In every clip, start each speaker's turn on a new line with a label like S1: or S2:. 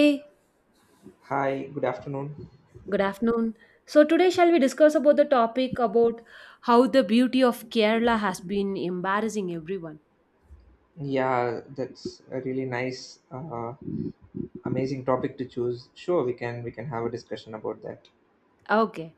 S1: Hey,
S2: Hi, good afternoon.
S1: good afternoon. So today shall we discuss about the topic about how the beauty of Kerala has been embarrassing everyone.
S2: Yeah, that's a really nice, amazing topic to choose. Sure, we can have a discussion about that.
S1: Okay.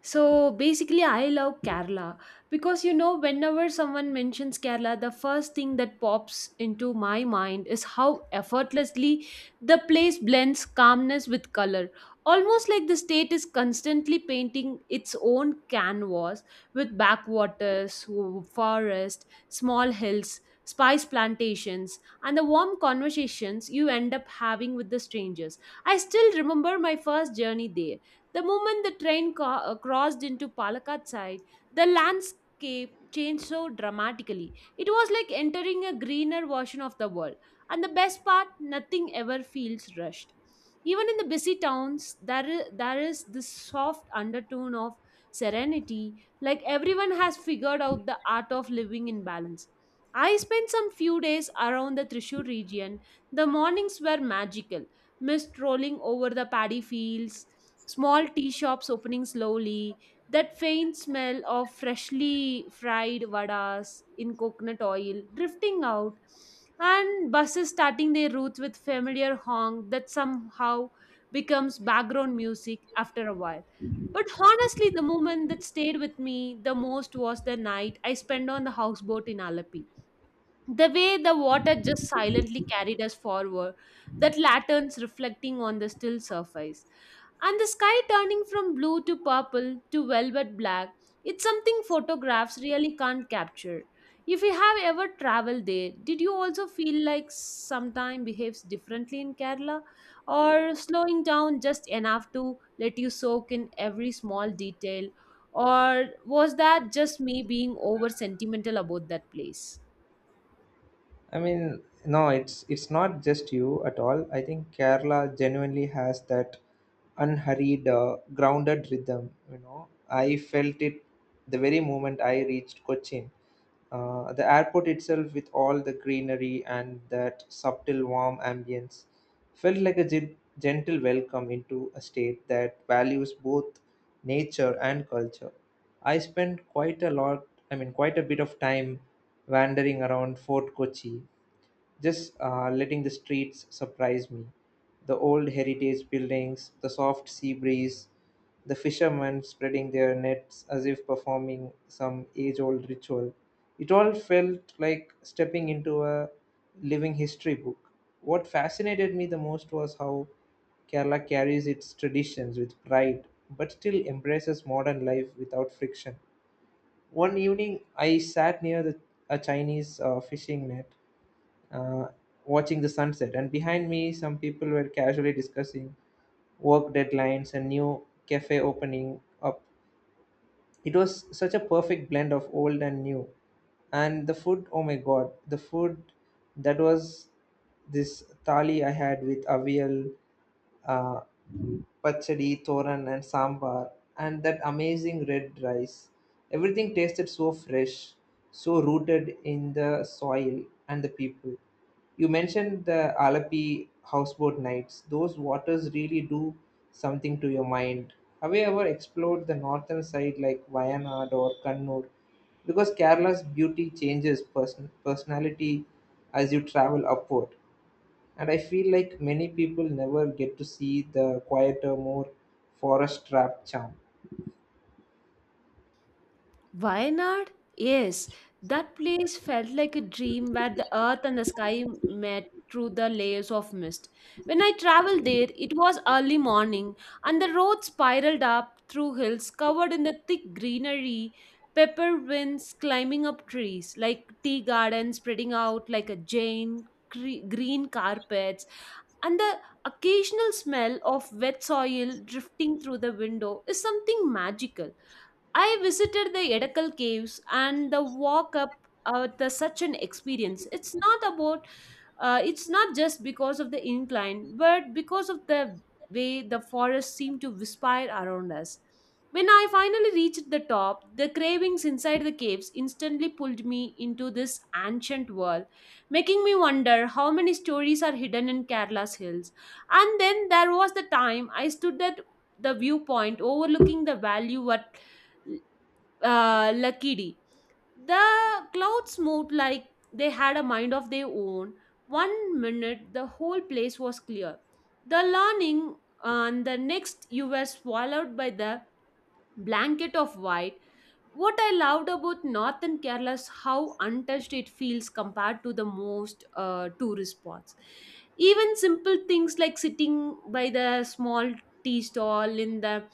S1: So basically, I love Kerala because you know, whenever someone mentions Kerala, the first thing that pops into my mind is how effortlessly the place blends calmness with color. Almost like the state is constantly painting its own canvas with backwaters, forest, small hills, spice plantations, and the warm conversations you end up having with the strangers. I still remember my first journey there the moment the train crossed into Palakkad side, the landscape changed so dramatically. It was like entering a greener version of the world. And the best part, nothing ever feels rushed. Even in the busy towns, there is this soft undertone of serenity, like everyone has figured out the art of living in balance. I spent some few days around the Trishur region. The mornings were magical mist rolling over the paddy fields, small tea shops opening slowly, that faint smell of freshly fried vadas in coconut oil drifting out, and buses starting their routes with familiar honk that somehow becomes background music after a while. But honestly, the moment that stayed with me the most was the night I spent on the houseboat in Alapi. The way the water just silently carried us forward, the lanterns reflecting on the still surface, and the sky turning from blue to purple to velvet black. It's something photographs really can't capture. If you have ever traveled there, did you also feel like sometime behaves differently in Kerala? Or slowing down just enough to let you soak in every small detail? Or was that just me being over sentimental about that place?
S2: I mean, no, it's not just you at all. I think Kerala genuinely has that unhurried, grounded rhythm. You know, I felt it the very moment I reached Cochin. The airport itself, with all the greenery and that subtle warm ambience, felt like a gentle welcome into a state that values both nature and culture. I spent quite a lot, I mean, quite a bit of time wandering around Fort Kochi just letting the streets surprise me. The old heritage buildings, the soft sea breeze, the fishermen spreading their nets as if performing some age old ritual. It all felt like stepping into a living history book. What fascinated me the most was how Kerala carries its traditions with pride but still embraces modern life without friction. One evening, I sat near a Chinese fishing net, uh, watching the sunset. And behind me, some people were casually discussing work deadlines and new cafe opening up. It was such a perfect blend of old and new. And the food, oh my god, the food that was this thali I had with avial, uh, pachadi, thoran, and sambar, and that amazing red rice. Everything tasted so fresh, so rooted in the soil and the people. You mentioned the Alapi houseboat nights. Those waters really do something to your mind. Have you ever explored the northern side like Wayanad or Kannur? Because Kerala's beauty changes personality as you travel upward. And I feel like many people never get to see the quieter, more forest trap charm.
S1: Wayanad? Yes, that place felt like a dream where the earth and the sky met through the layers of mist. When I traveled there, it was early morning and the road spiraled up through hills covered in the thick greenery, pepper winds climbing up trees, like tea gardens spreading out like a giant green carpets, and the occasional smell of wet soil drifting through the window is something magical. I visited the Edakkal caves and the walk up the such an experience. It's not just because of the incline, but because of the way the forest seemed to whisper around us. When I finally reached the top, the cravings inside the caves instantly pulled me into this ancient world, making me wonder how many stories are hidden in Kerala's hills. And then there was the time I stood at the viewpoint overlooking the valley what Lakidi. The clouds moved like they had a mind of their own. One minute, the whole place was clear. The learning, and the next, you were swallowed by the blanket of white what I loved about northern Kerala is how untouched it feels compared to the most tourist spots. Even simple things like sitting by the small tea stall in the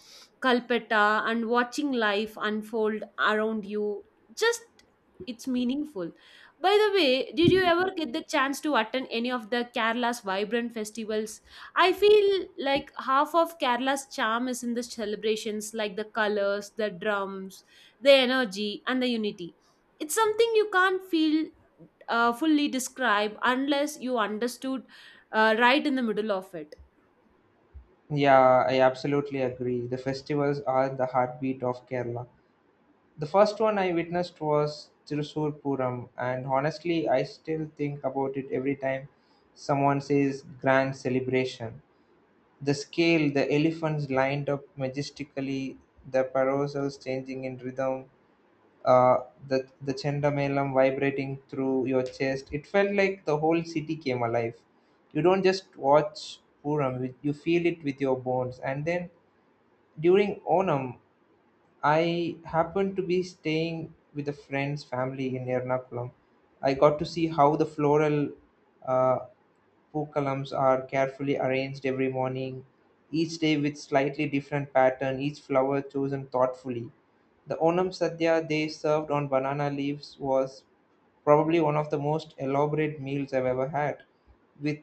S1: Calcutta and watching life unfold around you, just it's meaningful. By the way, did you ever get the chance to attend any of the Kerala's vibrant festivals? I feel like half of Kerala's charm is in the celebrations, like the colors, the drums, the energy, and the unity. It's something you can't feel fully describe unless you understood right in the middle of it.
S2: Yeah, I absolutely agree. The festivals are the heartbeat of Kerala. The first one I witnessed was Thrissur Puram, and honestly, I still think about it every time someone says grand celebration. The scale, the elephants lined up majestically, the parasols changing in rhythm, uh, the chandamalam vibrating through your chest. It felt like the whole city came alive. You don't just watch Puram; you feel it with your bones. And then during Onam, I happened to be staying with a friend's family in Ernakulam. I got to see how the floral, uh, Four columns are carefully arranged every morning, each day with slightly different pattern, each flower chosen thoughtfully. The Onam Sadhya they served on banana leaves was probably one of the most elaborate meals I've ever had, with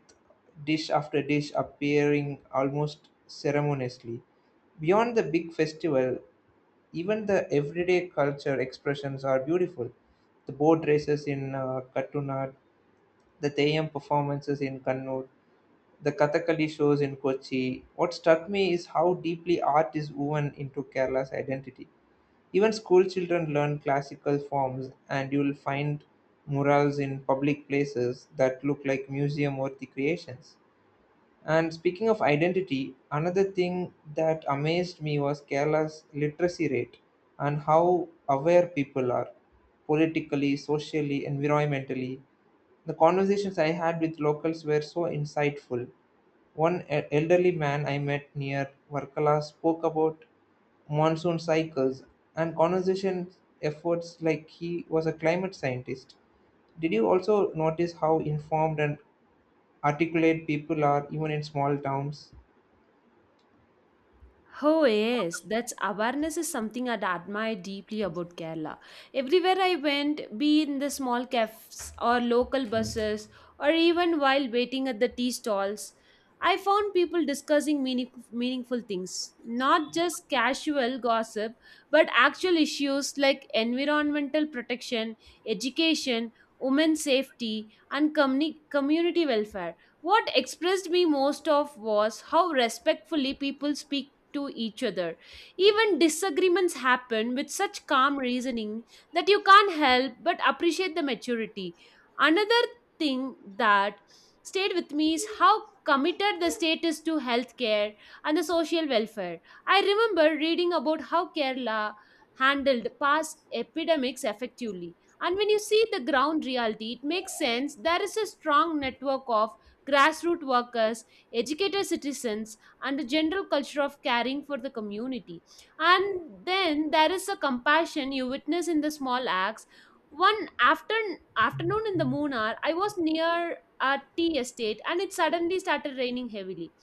S2: dish after dish appearing almost ceremoniously. Beyond the big festival, even the everyday culture expressions are beautiful. The boat races in Katunad, the Theyam performances in Kannur, the Kathakali shows in Kochi. What struck me is how deeply art is woven into Kerala's identity. Even school children learn classical forms, and you will find murals in public places that look like museum worthy creations. And speaking of identity, another thing that amazed me was Kerala's literacy rate and how aware people are politically, socially, environmentally. The conversations I had with locals were so insightful. One elderly man I met near Varkala spoke about monsoon cycles and conservation efforts like he was a climate scientist. Did you also notice how informed and articulate people are even in small towns?
S1: Oh yes, that's awareness is something I'd admire deeply about Kerala. Everywhere I went, be in the small cafes or local buses or even while waiting at the tea stalls, I found people discussing meaningful things, not just casual gossip, but actual issues like environmental protection, education, women's safety, and community welfare. What expressed me most of was how respectfully people speak to each other. Even disagreements happen with such calm reasoning that you can't help but appreciate the maturity. Another thing that stayed with me is how committed the state is to healthcare and the social welfare. I remember reading about how Kerala handled past epidemics effectively. And when you see the ground reality, it makes sense. There is a strong network of grassroots workers, educated citizens, and a general culture of caring for the community. And then there is a compassion you witness in the small acts. One afternoon in the moon hour, I was near a tea estate and it suddenly started raining heavily.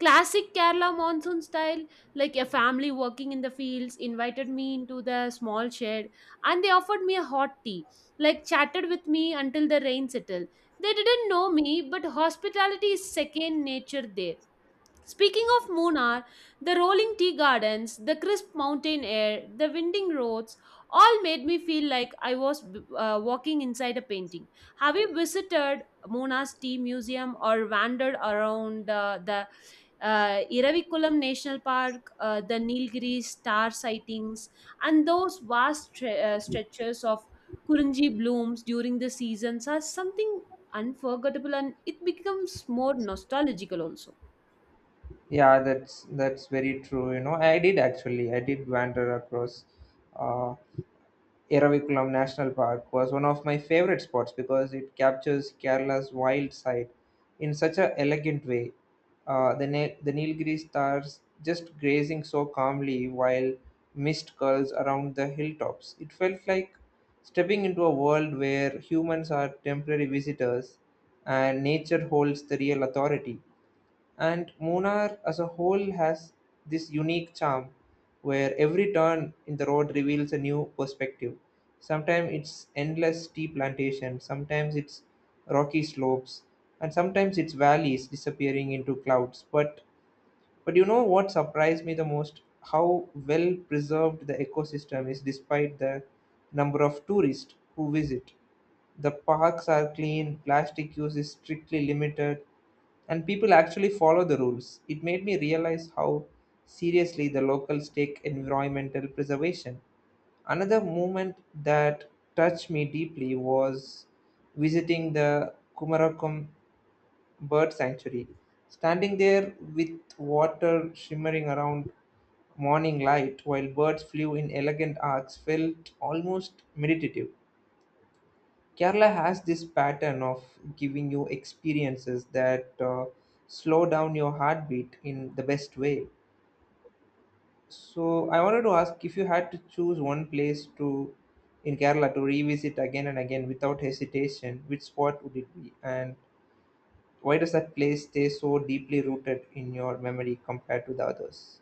S1: Classic Kerala monsoon style, like a family working in the fields invited me into the small shed and they offered me a hot tea, like chatted with me until the rain settled. They didn't know me, but hospitality is second nature there. Speaking of Munnar, the rolling tea gardens, the crisp mountain air, the winding roads all made me feel like I was walking inside a painting. Have you visited Munnar's Tea Museum or wandered around the Iravikulam National Park, the Nilgiri star sightings, and those vast stretches of Kurunji blooms during the seasons are something unforgettable and it becomes more nostalgical also.
S2: Yeah, that's very true. You know, I did actually. I did wander across. Uh, Eravikulam National Park was one of my favorite spots because it captures Kerala's wild side in such an elegant way. The Nilgiri stars just grazing so calmly while mist curls around the hilltops. It felt like stepping into a world where humans are temporary visitors and nature holds the real authority. And Munnar as a whole has this unique charm where every turn in the road reveals a new perspective. Sometimes it's endless tea plantations, sometimes it's rocky slopes, and sometimes it's valleys disappearing into clouds. But you know what surprised me the most? How well preserved the ecosystem is despite the number of tourists who visit. The parks are clean, plastic use is strictly limited, and people actually follow the rules. It made me realize how seriously the locals take environmental preservation. Another moment that touched me deeply was visiting the Kumarakom bird sanctuary. Standing there with water shimmering around morning light while birds flew in elegant arcs felt almost meditative. Kerala has this pattern of giving you experiences that slow down your heartbeat in the best way. So I wanted to ask, if you had to choose one place to in Kerala to revisit again and again without hesitation, which spot would it be? And why does that place stay so deeply rooted in your memory compared to the others?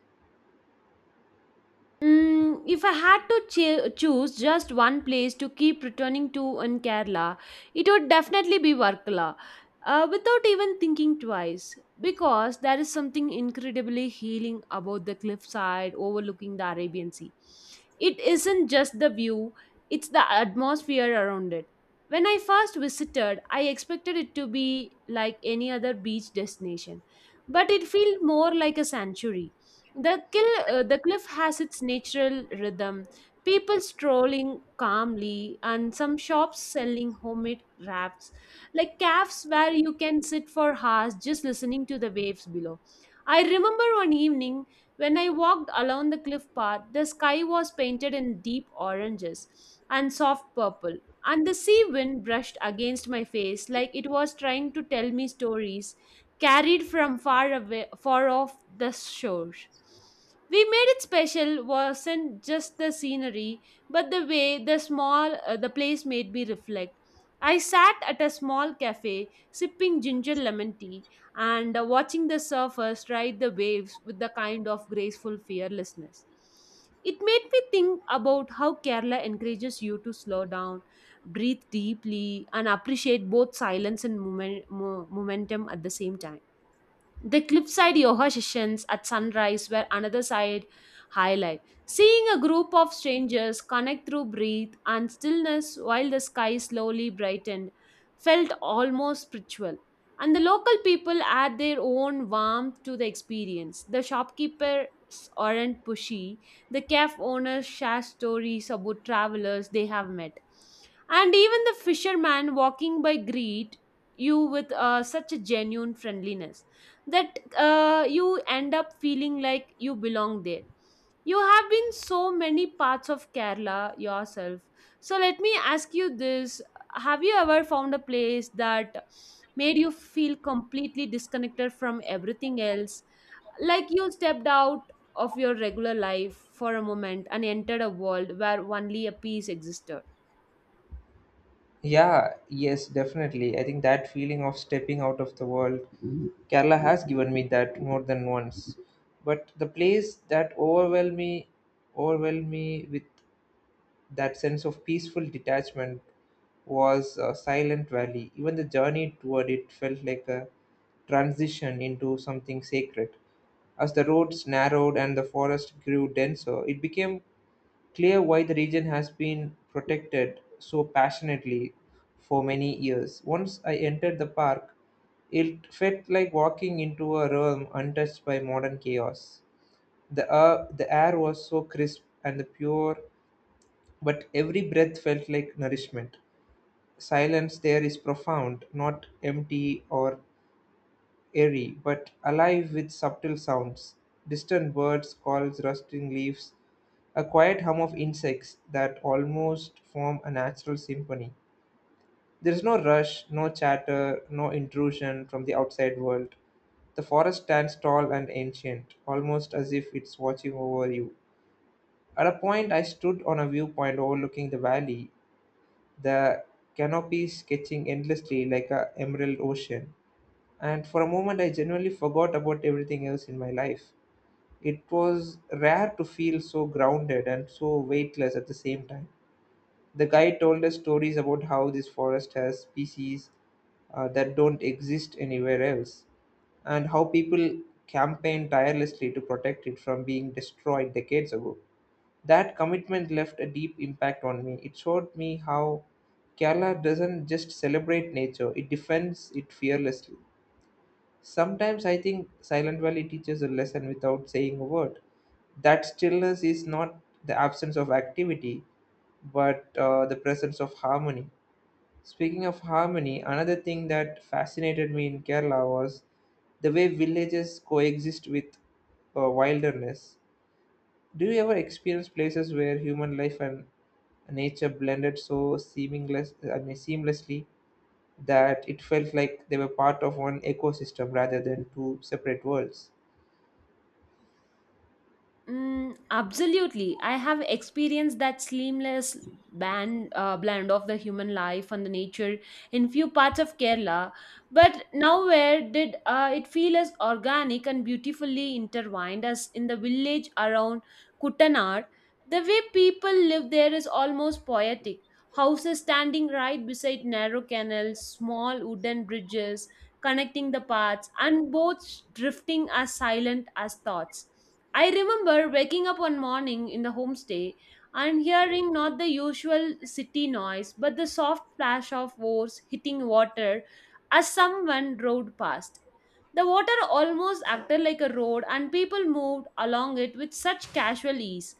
S1: Mm, if I had to choose just one place to keep returning to in Kerala, it would definitely be Varkala. Without even thinking twice, because there is something incredibly healing about the cliffside overlooking the Arabian Sea. It isn't just the view, it's the atmosphere around it. When I first visited, I expected it to be like any other beach destination, but it felt more like a sanctuary the cliff has its natural rhythm. People strolling calmly, and some shops selling homemade crafts, like cafes where you can sit for hours just listening to the waves below. I remember one evening when I walked along the cliff path, the sky was painted in deep oranges and soft purple, and the sea wind brushed against my face like it was trying to tell me stories carried from far away far off the shore we made it special wasn't just the scenery but the way the small the place made me reflect. I sat at a small cafe sipping ginger lemon tea and watching the surfers ride the waves with the kind of graceful fearlessness. It made me think about how Kerala encourages you to slow down, breathe deeply, and appreciate both silence and momentum at the same time. The cliffside yoga sessions at sunrise were another side highlight. Seeing a group of strangers connect through breath and stillness while the sky slowly brightened felt almost spiritual. And the local people add their own warmth to the experience. The shopkeepers aren't pushy. The cafe owners share stories about travelers they have met. And even the fisherman walking by greet you with such a genuine friendliness that you end up feeling like you belong there. You have been so many parts of Kerala yourself, so let me ask you this. Have you ever found a place that made you feel completely disconnected from everything else, like you stepped out of your regular life for a moment and entered a world where only a piece existed?
S2: Yeah, yes, definitely. I think that feeling of stepping out of the world, Kerala has given me that more than once. But the place that overwhelmed me with that sense of peaceful detachment was Silent Valley. Even the journey toward it felt like a transition into something sacred. As the roads narrowed and the forest grew denser, it became clear why the region has been protected so passionately for many years. Once I entered the park, it felt like walking into a realm untouched by modern chaos. The air was so crisp and the pure, but every breath felt like nourishment. Silence there is profound, not empty or airy, but alive with subtle sounds, distant birds' calls, rustling leaves, a quiet hum of insects that almost form a natural symphony. There is no rush, no chatter, no intrusion from the outside world. The forest stands tall and ancient, almost as if it's watching over you. At a point, I stood on a viewpoint overlooking the valley, the canopy sketching endlessly like a emerald ocean, and for a moment I genuinely forgot about everything else in my life. It was rare to feel so grounded and so weightless at the same time. The guide told us stories about how this forest has species, that don't exist anywhere else, and how people campaigned tirelessly to protect it from being destroyed decades ago. That commitment left a deep impact on me. It showed me how Kerala doesn't just celebrate nature, it defends it fearlessly. Sometimes I think Silent Valley teaches a lesson without saying a word. That stillness is not the absence of activity, but the presence of harmony. Speaking of harmony, another thing that fascinated me in Kerala was the way villages coexist with wilderness. Do you ever experience places where human life and nature blended so seamlessly that it felt like they were part of one ecosystem rather than two separate worlds?
S1: Mm, absolutely. I have experienced that seamless blend of the human life and the nature in few parts of Kerala, but nowhere did it feel as organic and beautifully intertwined as in the village around Kuttanar. The way people live there is almost poetic. Houses standing right beside narrow canals, small wooden bridges connecting the paths, and boats drifting as silent as thoughts. I remember waking up one morning in the homestay and hearing not the usual city noise, but the soft plash of oars hitting water as someone rowed past. The water almost acted like a road, and people moved along it with such casual ease,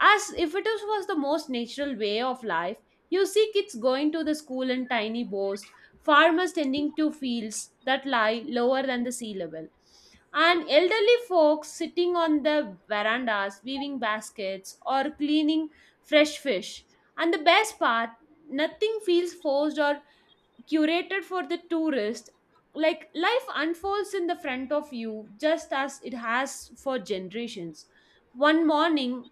S1: as if it was the most natural way of life. You see kids going to the school in tiny boats, farmers tending to fields that lie lower than the sea level and elderly folks sitting on the verandas weaving baskets or cleaning fresh fish. And the best part, nothing feels forced or curated for the tourist. Like life unfolds in the front of you just as it has for generations. One morning,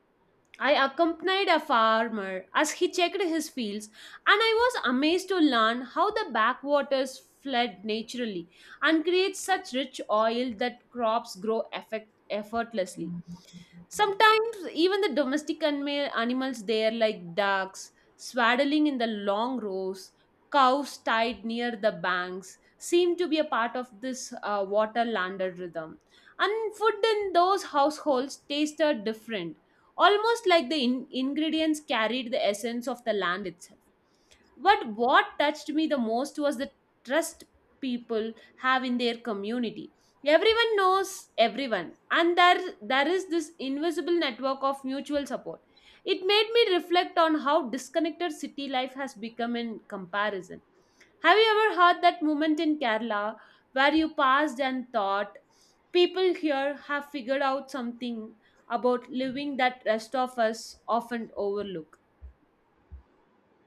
S1: I accompanied a farmer as he checked his fields, and I was amazed to learn how the backwaters flood naturally and create such rich oil that crops grow effortlessly. Sometimes, even the domestic animals there, like ducks, swaddling in the long rows, cows tied near the banks, seem to be a part of this water landed rhythm. And food in those households tasted different almost like the ingredients carried the essence of the land itself. But what touched me the most was the trust people have in their community. Everyone knows everyone, and there is this invisible network of mutual support. It made me reflect on how disconnected city life has become in comparison. Have you ever heard that moment in Kerala where you passed and thought, people here have figured out something about living that rest of us often overlook?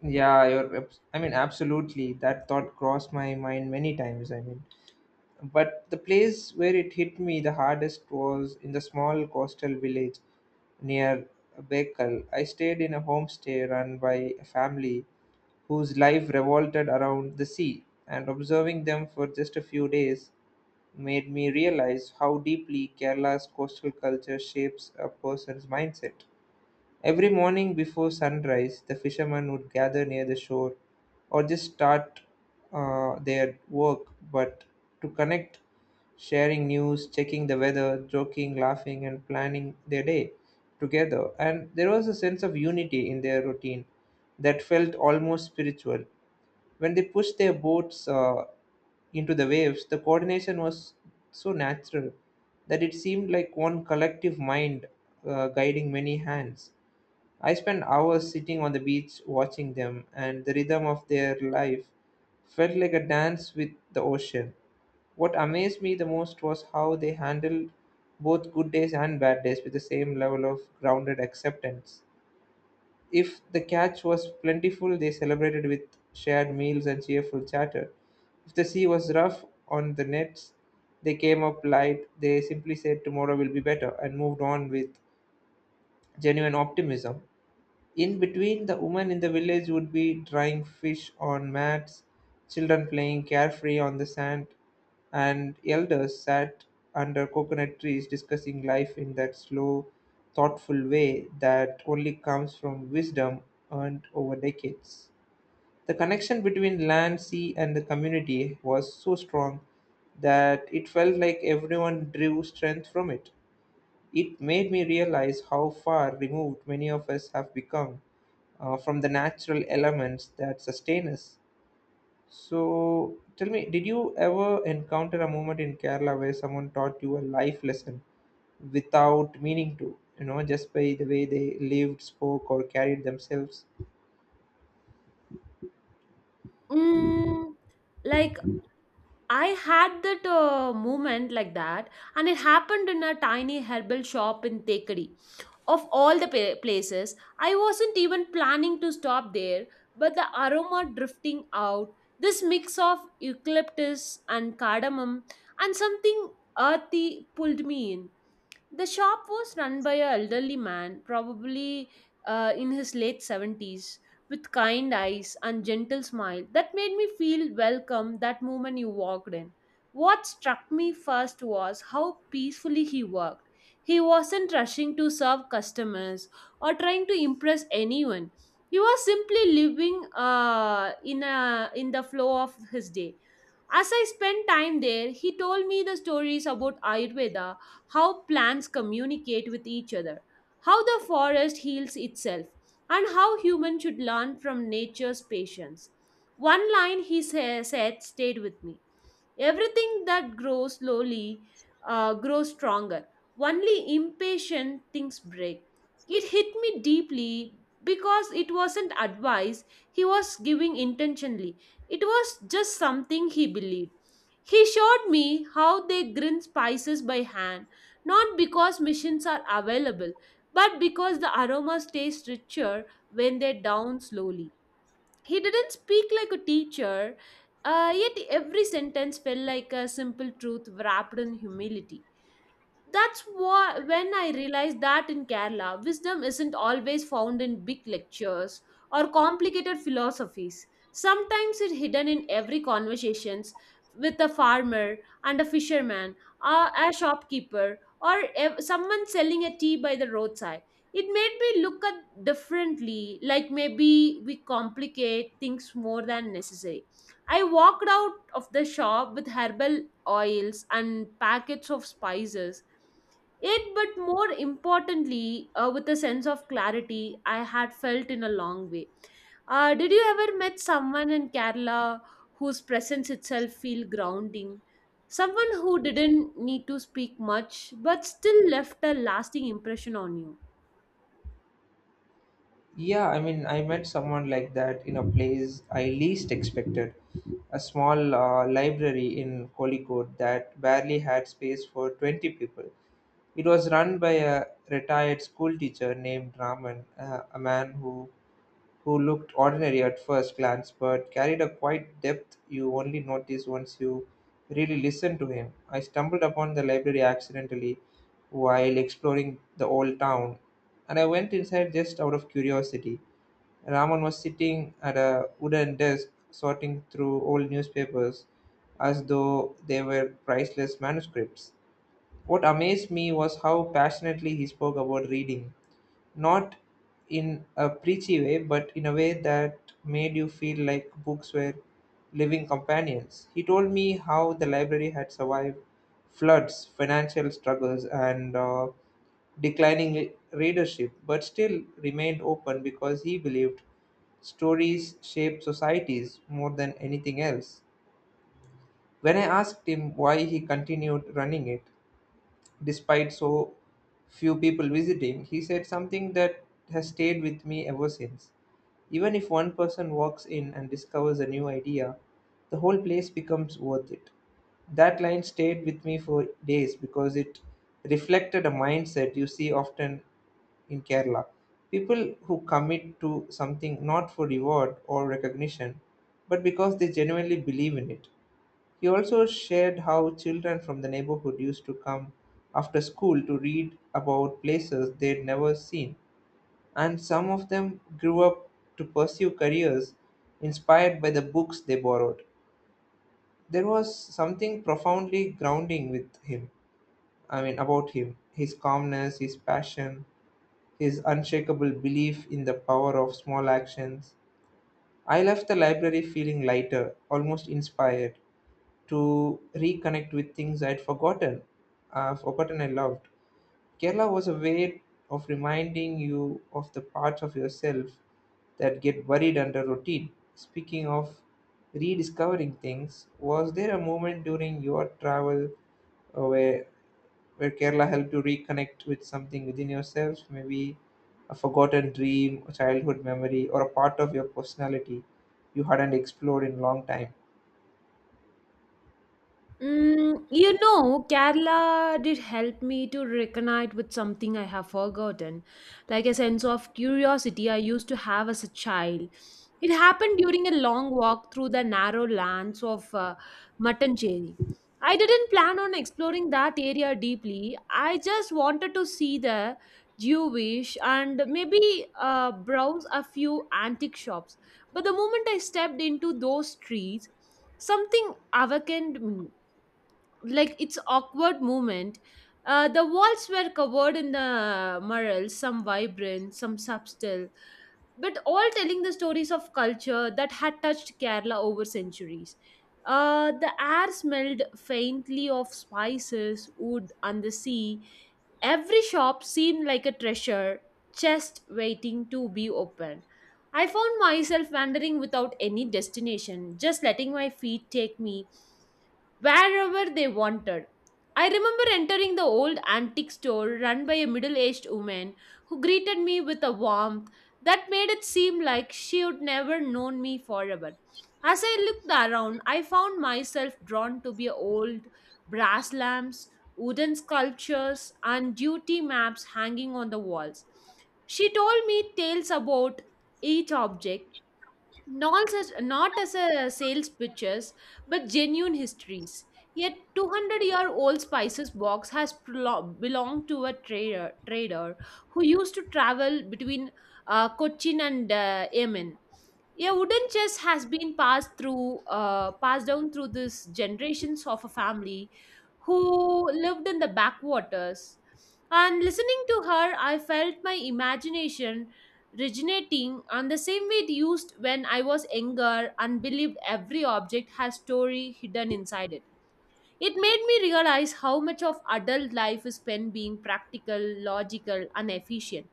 S2: Yeah, you're, abs- I mean, absolutely. That thought crossed my mind many times. I mean, but the place where it hit me the hardest was in the small coastal village near Baikal. I stayed in a homestay run by a family whose life revolted around the sea, and observing them for just a few days made me realize how deeply Kerala's coastal culture shapes a person's mindset. Every morning before sunrise, the fishermen would gather near the shore or just start their work, but to connect, sharing news, checking the weather, joking, laughing, and planning their day together. And there was a sense of unity in their routine that felt almost spiritual. When they pushed their boats into the waves, the coordination was so natural that it seemed like one collective mind guiding many hands. I spent hours sitting on the beach watching them, and the rhythm of their life felt like a dance with the ocean. What amazed me the most was how they handled both good days and bad days with the same level of grounded acceptance. If the catch was plentiful, they celebrated with shared meals and cheerful chatter. If the sea was rough on the nets, they came up light. They simply said, "Tomorrow will be better," and moved on with genuine optimism. In between, the women in the village would be drying fish on mats, children playing carefree on the sand, and elders sat under coconut trees discussing life in that slow, thoughtful way that only comes from wisdom earned over decades. The connection between land, sea, and the community was so strong that it felt like everyone drew strength from it. It made me realize how far removed many of us have become from the natural elements that sustain us. So, tell me, did you ever encounter a moment in Kerala where someone taught you a life lesson without meaning to? You know, just by the way they lived, spoke, or carried themselves?
S1: Mm, like I had that moment like that, and it happened in a tiny herbal shop in Tekadi. Of all the places, I wasn't even planning to stop there, but the aroma drifting out, this mix of eucalyptus and cardamom, and something earthy pulled me in. The shop was run by an elderly man, probably in his late 70s with kind eyes and gentle smile that made me feel welcome that moment you walked in. What struck me first was how peacefully he worked. He wasn't rushing to serve customers or trying to impress anyone. He was simply living in the flow of his day. As I spent time there, he told me the stories about Ayurveda, how plants communicate with each other, how the forest heals itself, and how humans should learn from nature's patience. One line he said stayed with me. Everything that grows slowly grows stronger, only impatient things break. It hit me deeply because it wasn't advice he was giving intentionally, it was just something he believed. He showed me how they grind spices by hand, not because machines are available but because the aromas taste richer when they're down slowly. He didn't speak like a teacher, yet every sentence felt like a simple truth wrapped in humility. That's what when I realized that in Kerala, wisdom isn't always found in big lectures or complicated philosophies. Sometimes it's hidden in every conversations with a farmer and a fisherman, a, a shopkeeper, or someone selling a tea by the roadside. It made me look at differently, like maybe we complicate things more than necessary. I walked out of the shop with herbal oils and packets of spices yet but more importantly with a sense of clarity I had felt in a long way. Did you ever met someone in Kerala whose presence itself feel grounding, someone who didn't need to speak much but still left a lasting impression on you?
S2: Yeah, I mean, I met someone like that in a place I least expected. A small library in Kolikot that barely had space for 20 people. It was run by a retired schoolteacher named Raman, a man who looked ordinary at first glance but carried a quiet depth you only notice once you really listen to him. I stumbled upon the library accidentally while exploring the old town, and I went inside just out of curiosity. Raman was sitting at a wooden desk sorting through old newspapers as though they were priceless manuscripts. What amazed me was how passionately he spoke about reading, not in a preachy way, but in a way that made you feel like books were living companions. He told me how the library had survived floods, financial struggles, and declining readership, but still remained open because he believed stories shape societies more than anything else. When I asked him why he continued running it, despite so few people visiting, he said something that has stayed with me ever since. Even if one person walks in and discovers a new idea, the whole place becomes worth it. That line stayed with me for days because it reflected a mindset you see often in Kerala. People who commit to something not for reward or recognition, but because they genuinely believe in it. He also shared how children from the neighborhood used to come after school to read about places they'd never seen, and some of them grew up to pursue careers inspired by the books they borrowed. There was something profoundly grounding with him, I mean, about him, his calmness, his passion, his unshakable belief in the power of small actions. I left the library feeling lighter, almost inspired, to reconnect with things I'd forgotten I loved. Kerala was a way of reminding you of the parts of yourself that get buried under routine. Speaking of rediscovering things, was there a moment during your travel uh, where where Kerala helped you reconnect with something within yourself, maybe a forgotten dream, a childhood memory, or a part of your personality you hadn't explored in a long time?
S1: Mm, you know, Kerala did help me to reconnect with something I have forgotten, like a sense of curiosity I used to have as a child. It happened during a long walk through the narrow lands of Matancherry. I didn't plan on exploring that area deeply. I just wanted to see the Jewish and maybe browse a few antique shops. But the moment I stepped into those streets, something awakened me like its awkward movement. The walls were covered in the murals, some vibrant, some subtle, but all telling the stories of culture that had touched Kerala over centuries. The air smelled faintly of spices, wood, and the sea. Every shop seemed like a treasure chest waiting to be opened. I found myself wandering without any destination, just letting my feet take me wherever they wanted. I remember entering the old antique store run by a middle aged woman who greeted me with a warmth that made it seem like she would never known me forever. As I looked around, I found myself drawn to be old brass lamps, wooden sculptures, and duty maps hanging on the walls. She told me tales about each object, not as a sales pitches but genuine histories. Yet 200-year-old spices box has belonged to a trader who used to travel between Cochin and Yemen. Yeah, wooden chess has been passed through passed down through these generations of a family who lived in the backwaters. And listening to her, I felt my imagination originating on the same way it used when I was younger and believed every object has story hidden inside it. It made me realize how much of adult life is spent being practical, logical, and efficient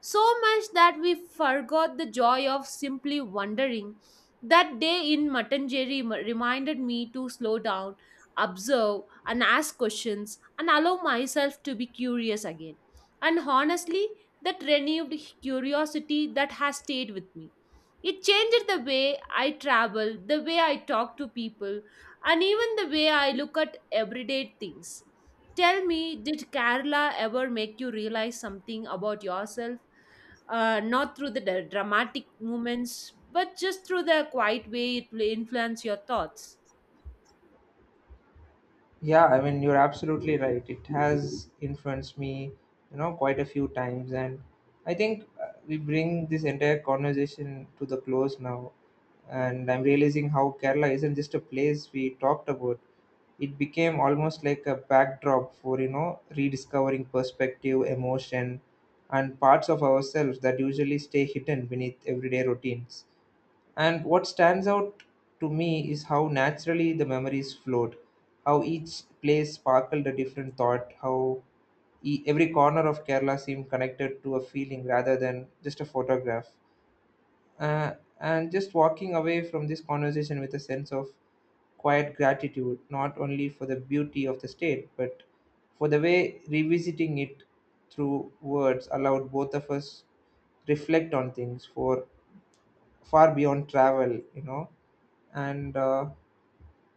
S1: so much that we forgot the joy of simply wondering. That day in Matanjeri reminded me to slow down, observe, and ask questions, and allow myself to be curious again. And honestly, that renewed curiosity that has stayed with me. It changed the way I travel, the way I talk to people, and even the way I look at everyday things. Tell me, did Kerala ever make you realize something about yourself? Not through the dramatic moments, but just through the quiet way it will influence your thoughts.
S2: Yeah, I mean, you're absolutely right. It has influenced me, you know, quite a few times. And I think we bring this entire conversation to the close now. And I'm realizing how Kerala isn't just a place we talked about. It became almost like a backdrop for, you know, rediscovering perspective, emotion, and parts of ourselves that usually stay hidden beneath everyday routines. And what stands out to me is how naturally the memories flowed, how each place sparkled a different thought, how every corner of Kerala seemed connected to a feeling rather than just a photograph. Uh, and just walking away from this conversation with a sense of quiet gratitude, not only for the beauty of the state, but for the way revisiting it through words allowed both of us reflect on things for far beyond travel, you know, and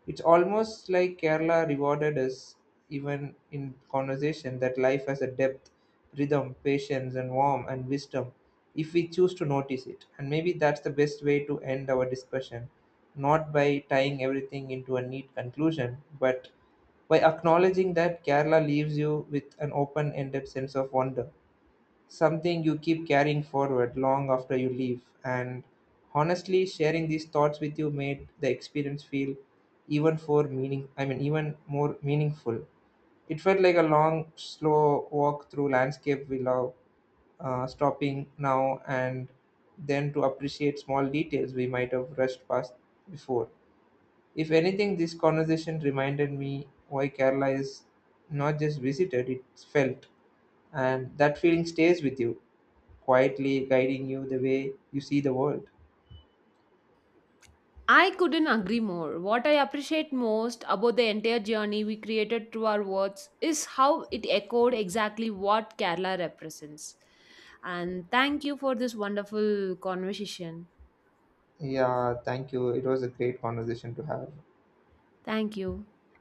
S2: it's almost like Kerala rewarded us even in conversation that life has a depth, rhythm, patience, and warmth and wisdom if we choose to notice it. And maybe that's the best way to end our discussion, not by tying everything into a neat conclusion, but by acknowledging that Kerala leaves you with an open ended sense of wonder something you keep carrying forward long after you leave. And honestly, sharing these thoughts with you made the experience feel even for meaning I mean even more meaningful. It felt like a long, slow walk through landscape we love, stopping now and then to appreciate small details we might have rushed past before. If anything, this conversation reminded me why Kerala is not just visited, it's felt. And that feeling stays with you quietly guiding you the way you see the world.
S1: I couldn't agree more. What I appreciate most about the entire journey we created through our words is how it echoed exactly what Kerala represents. And thank you for this wonderful conversation.
S2: Yeah, thank you. It was a great conversation to have.
S1: Thank you.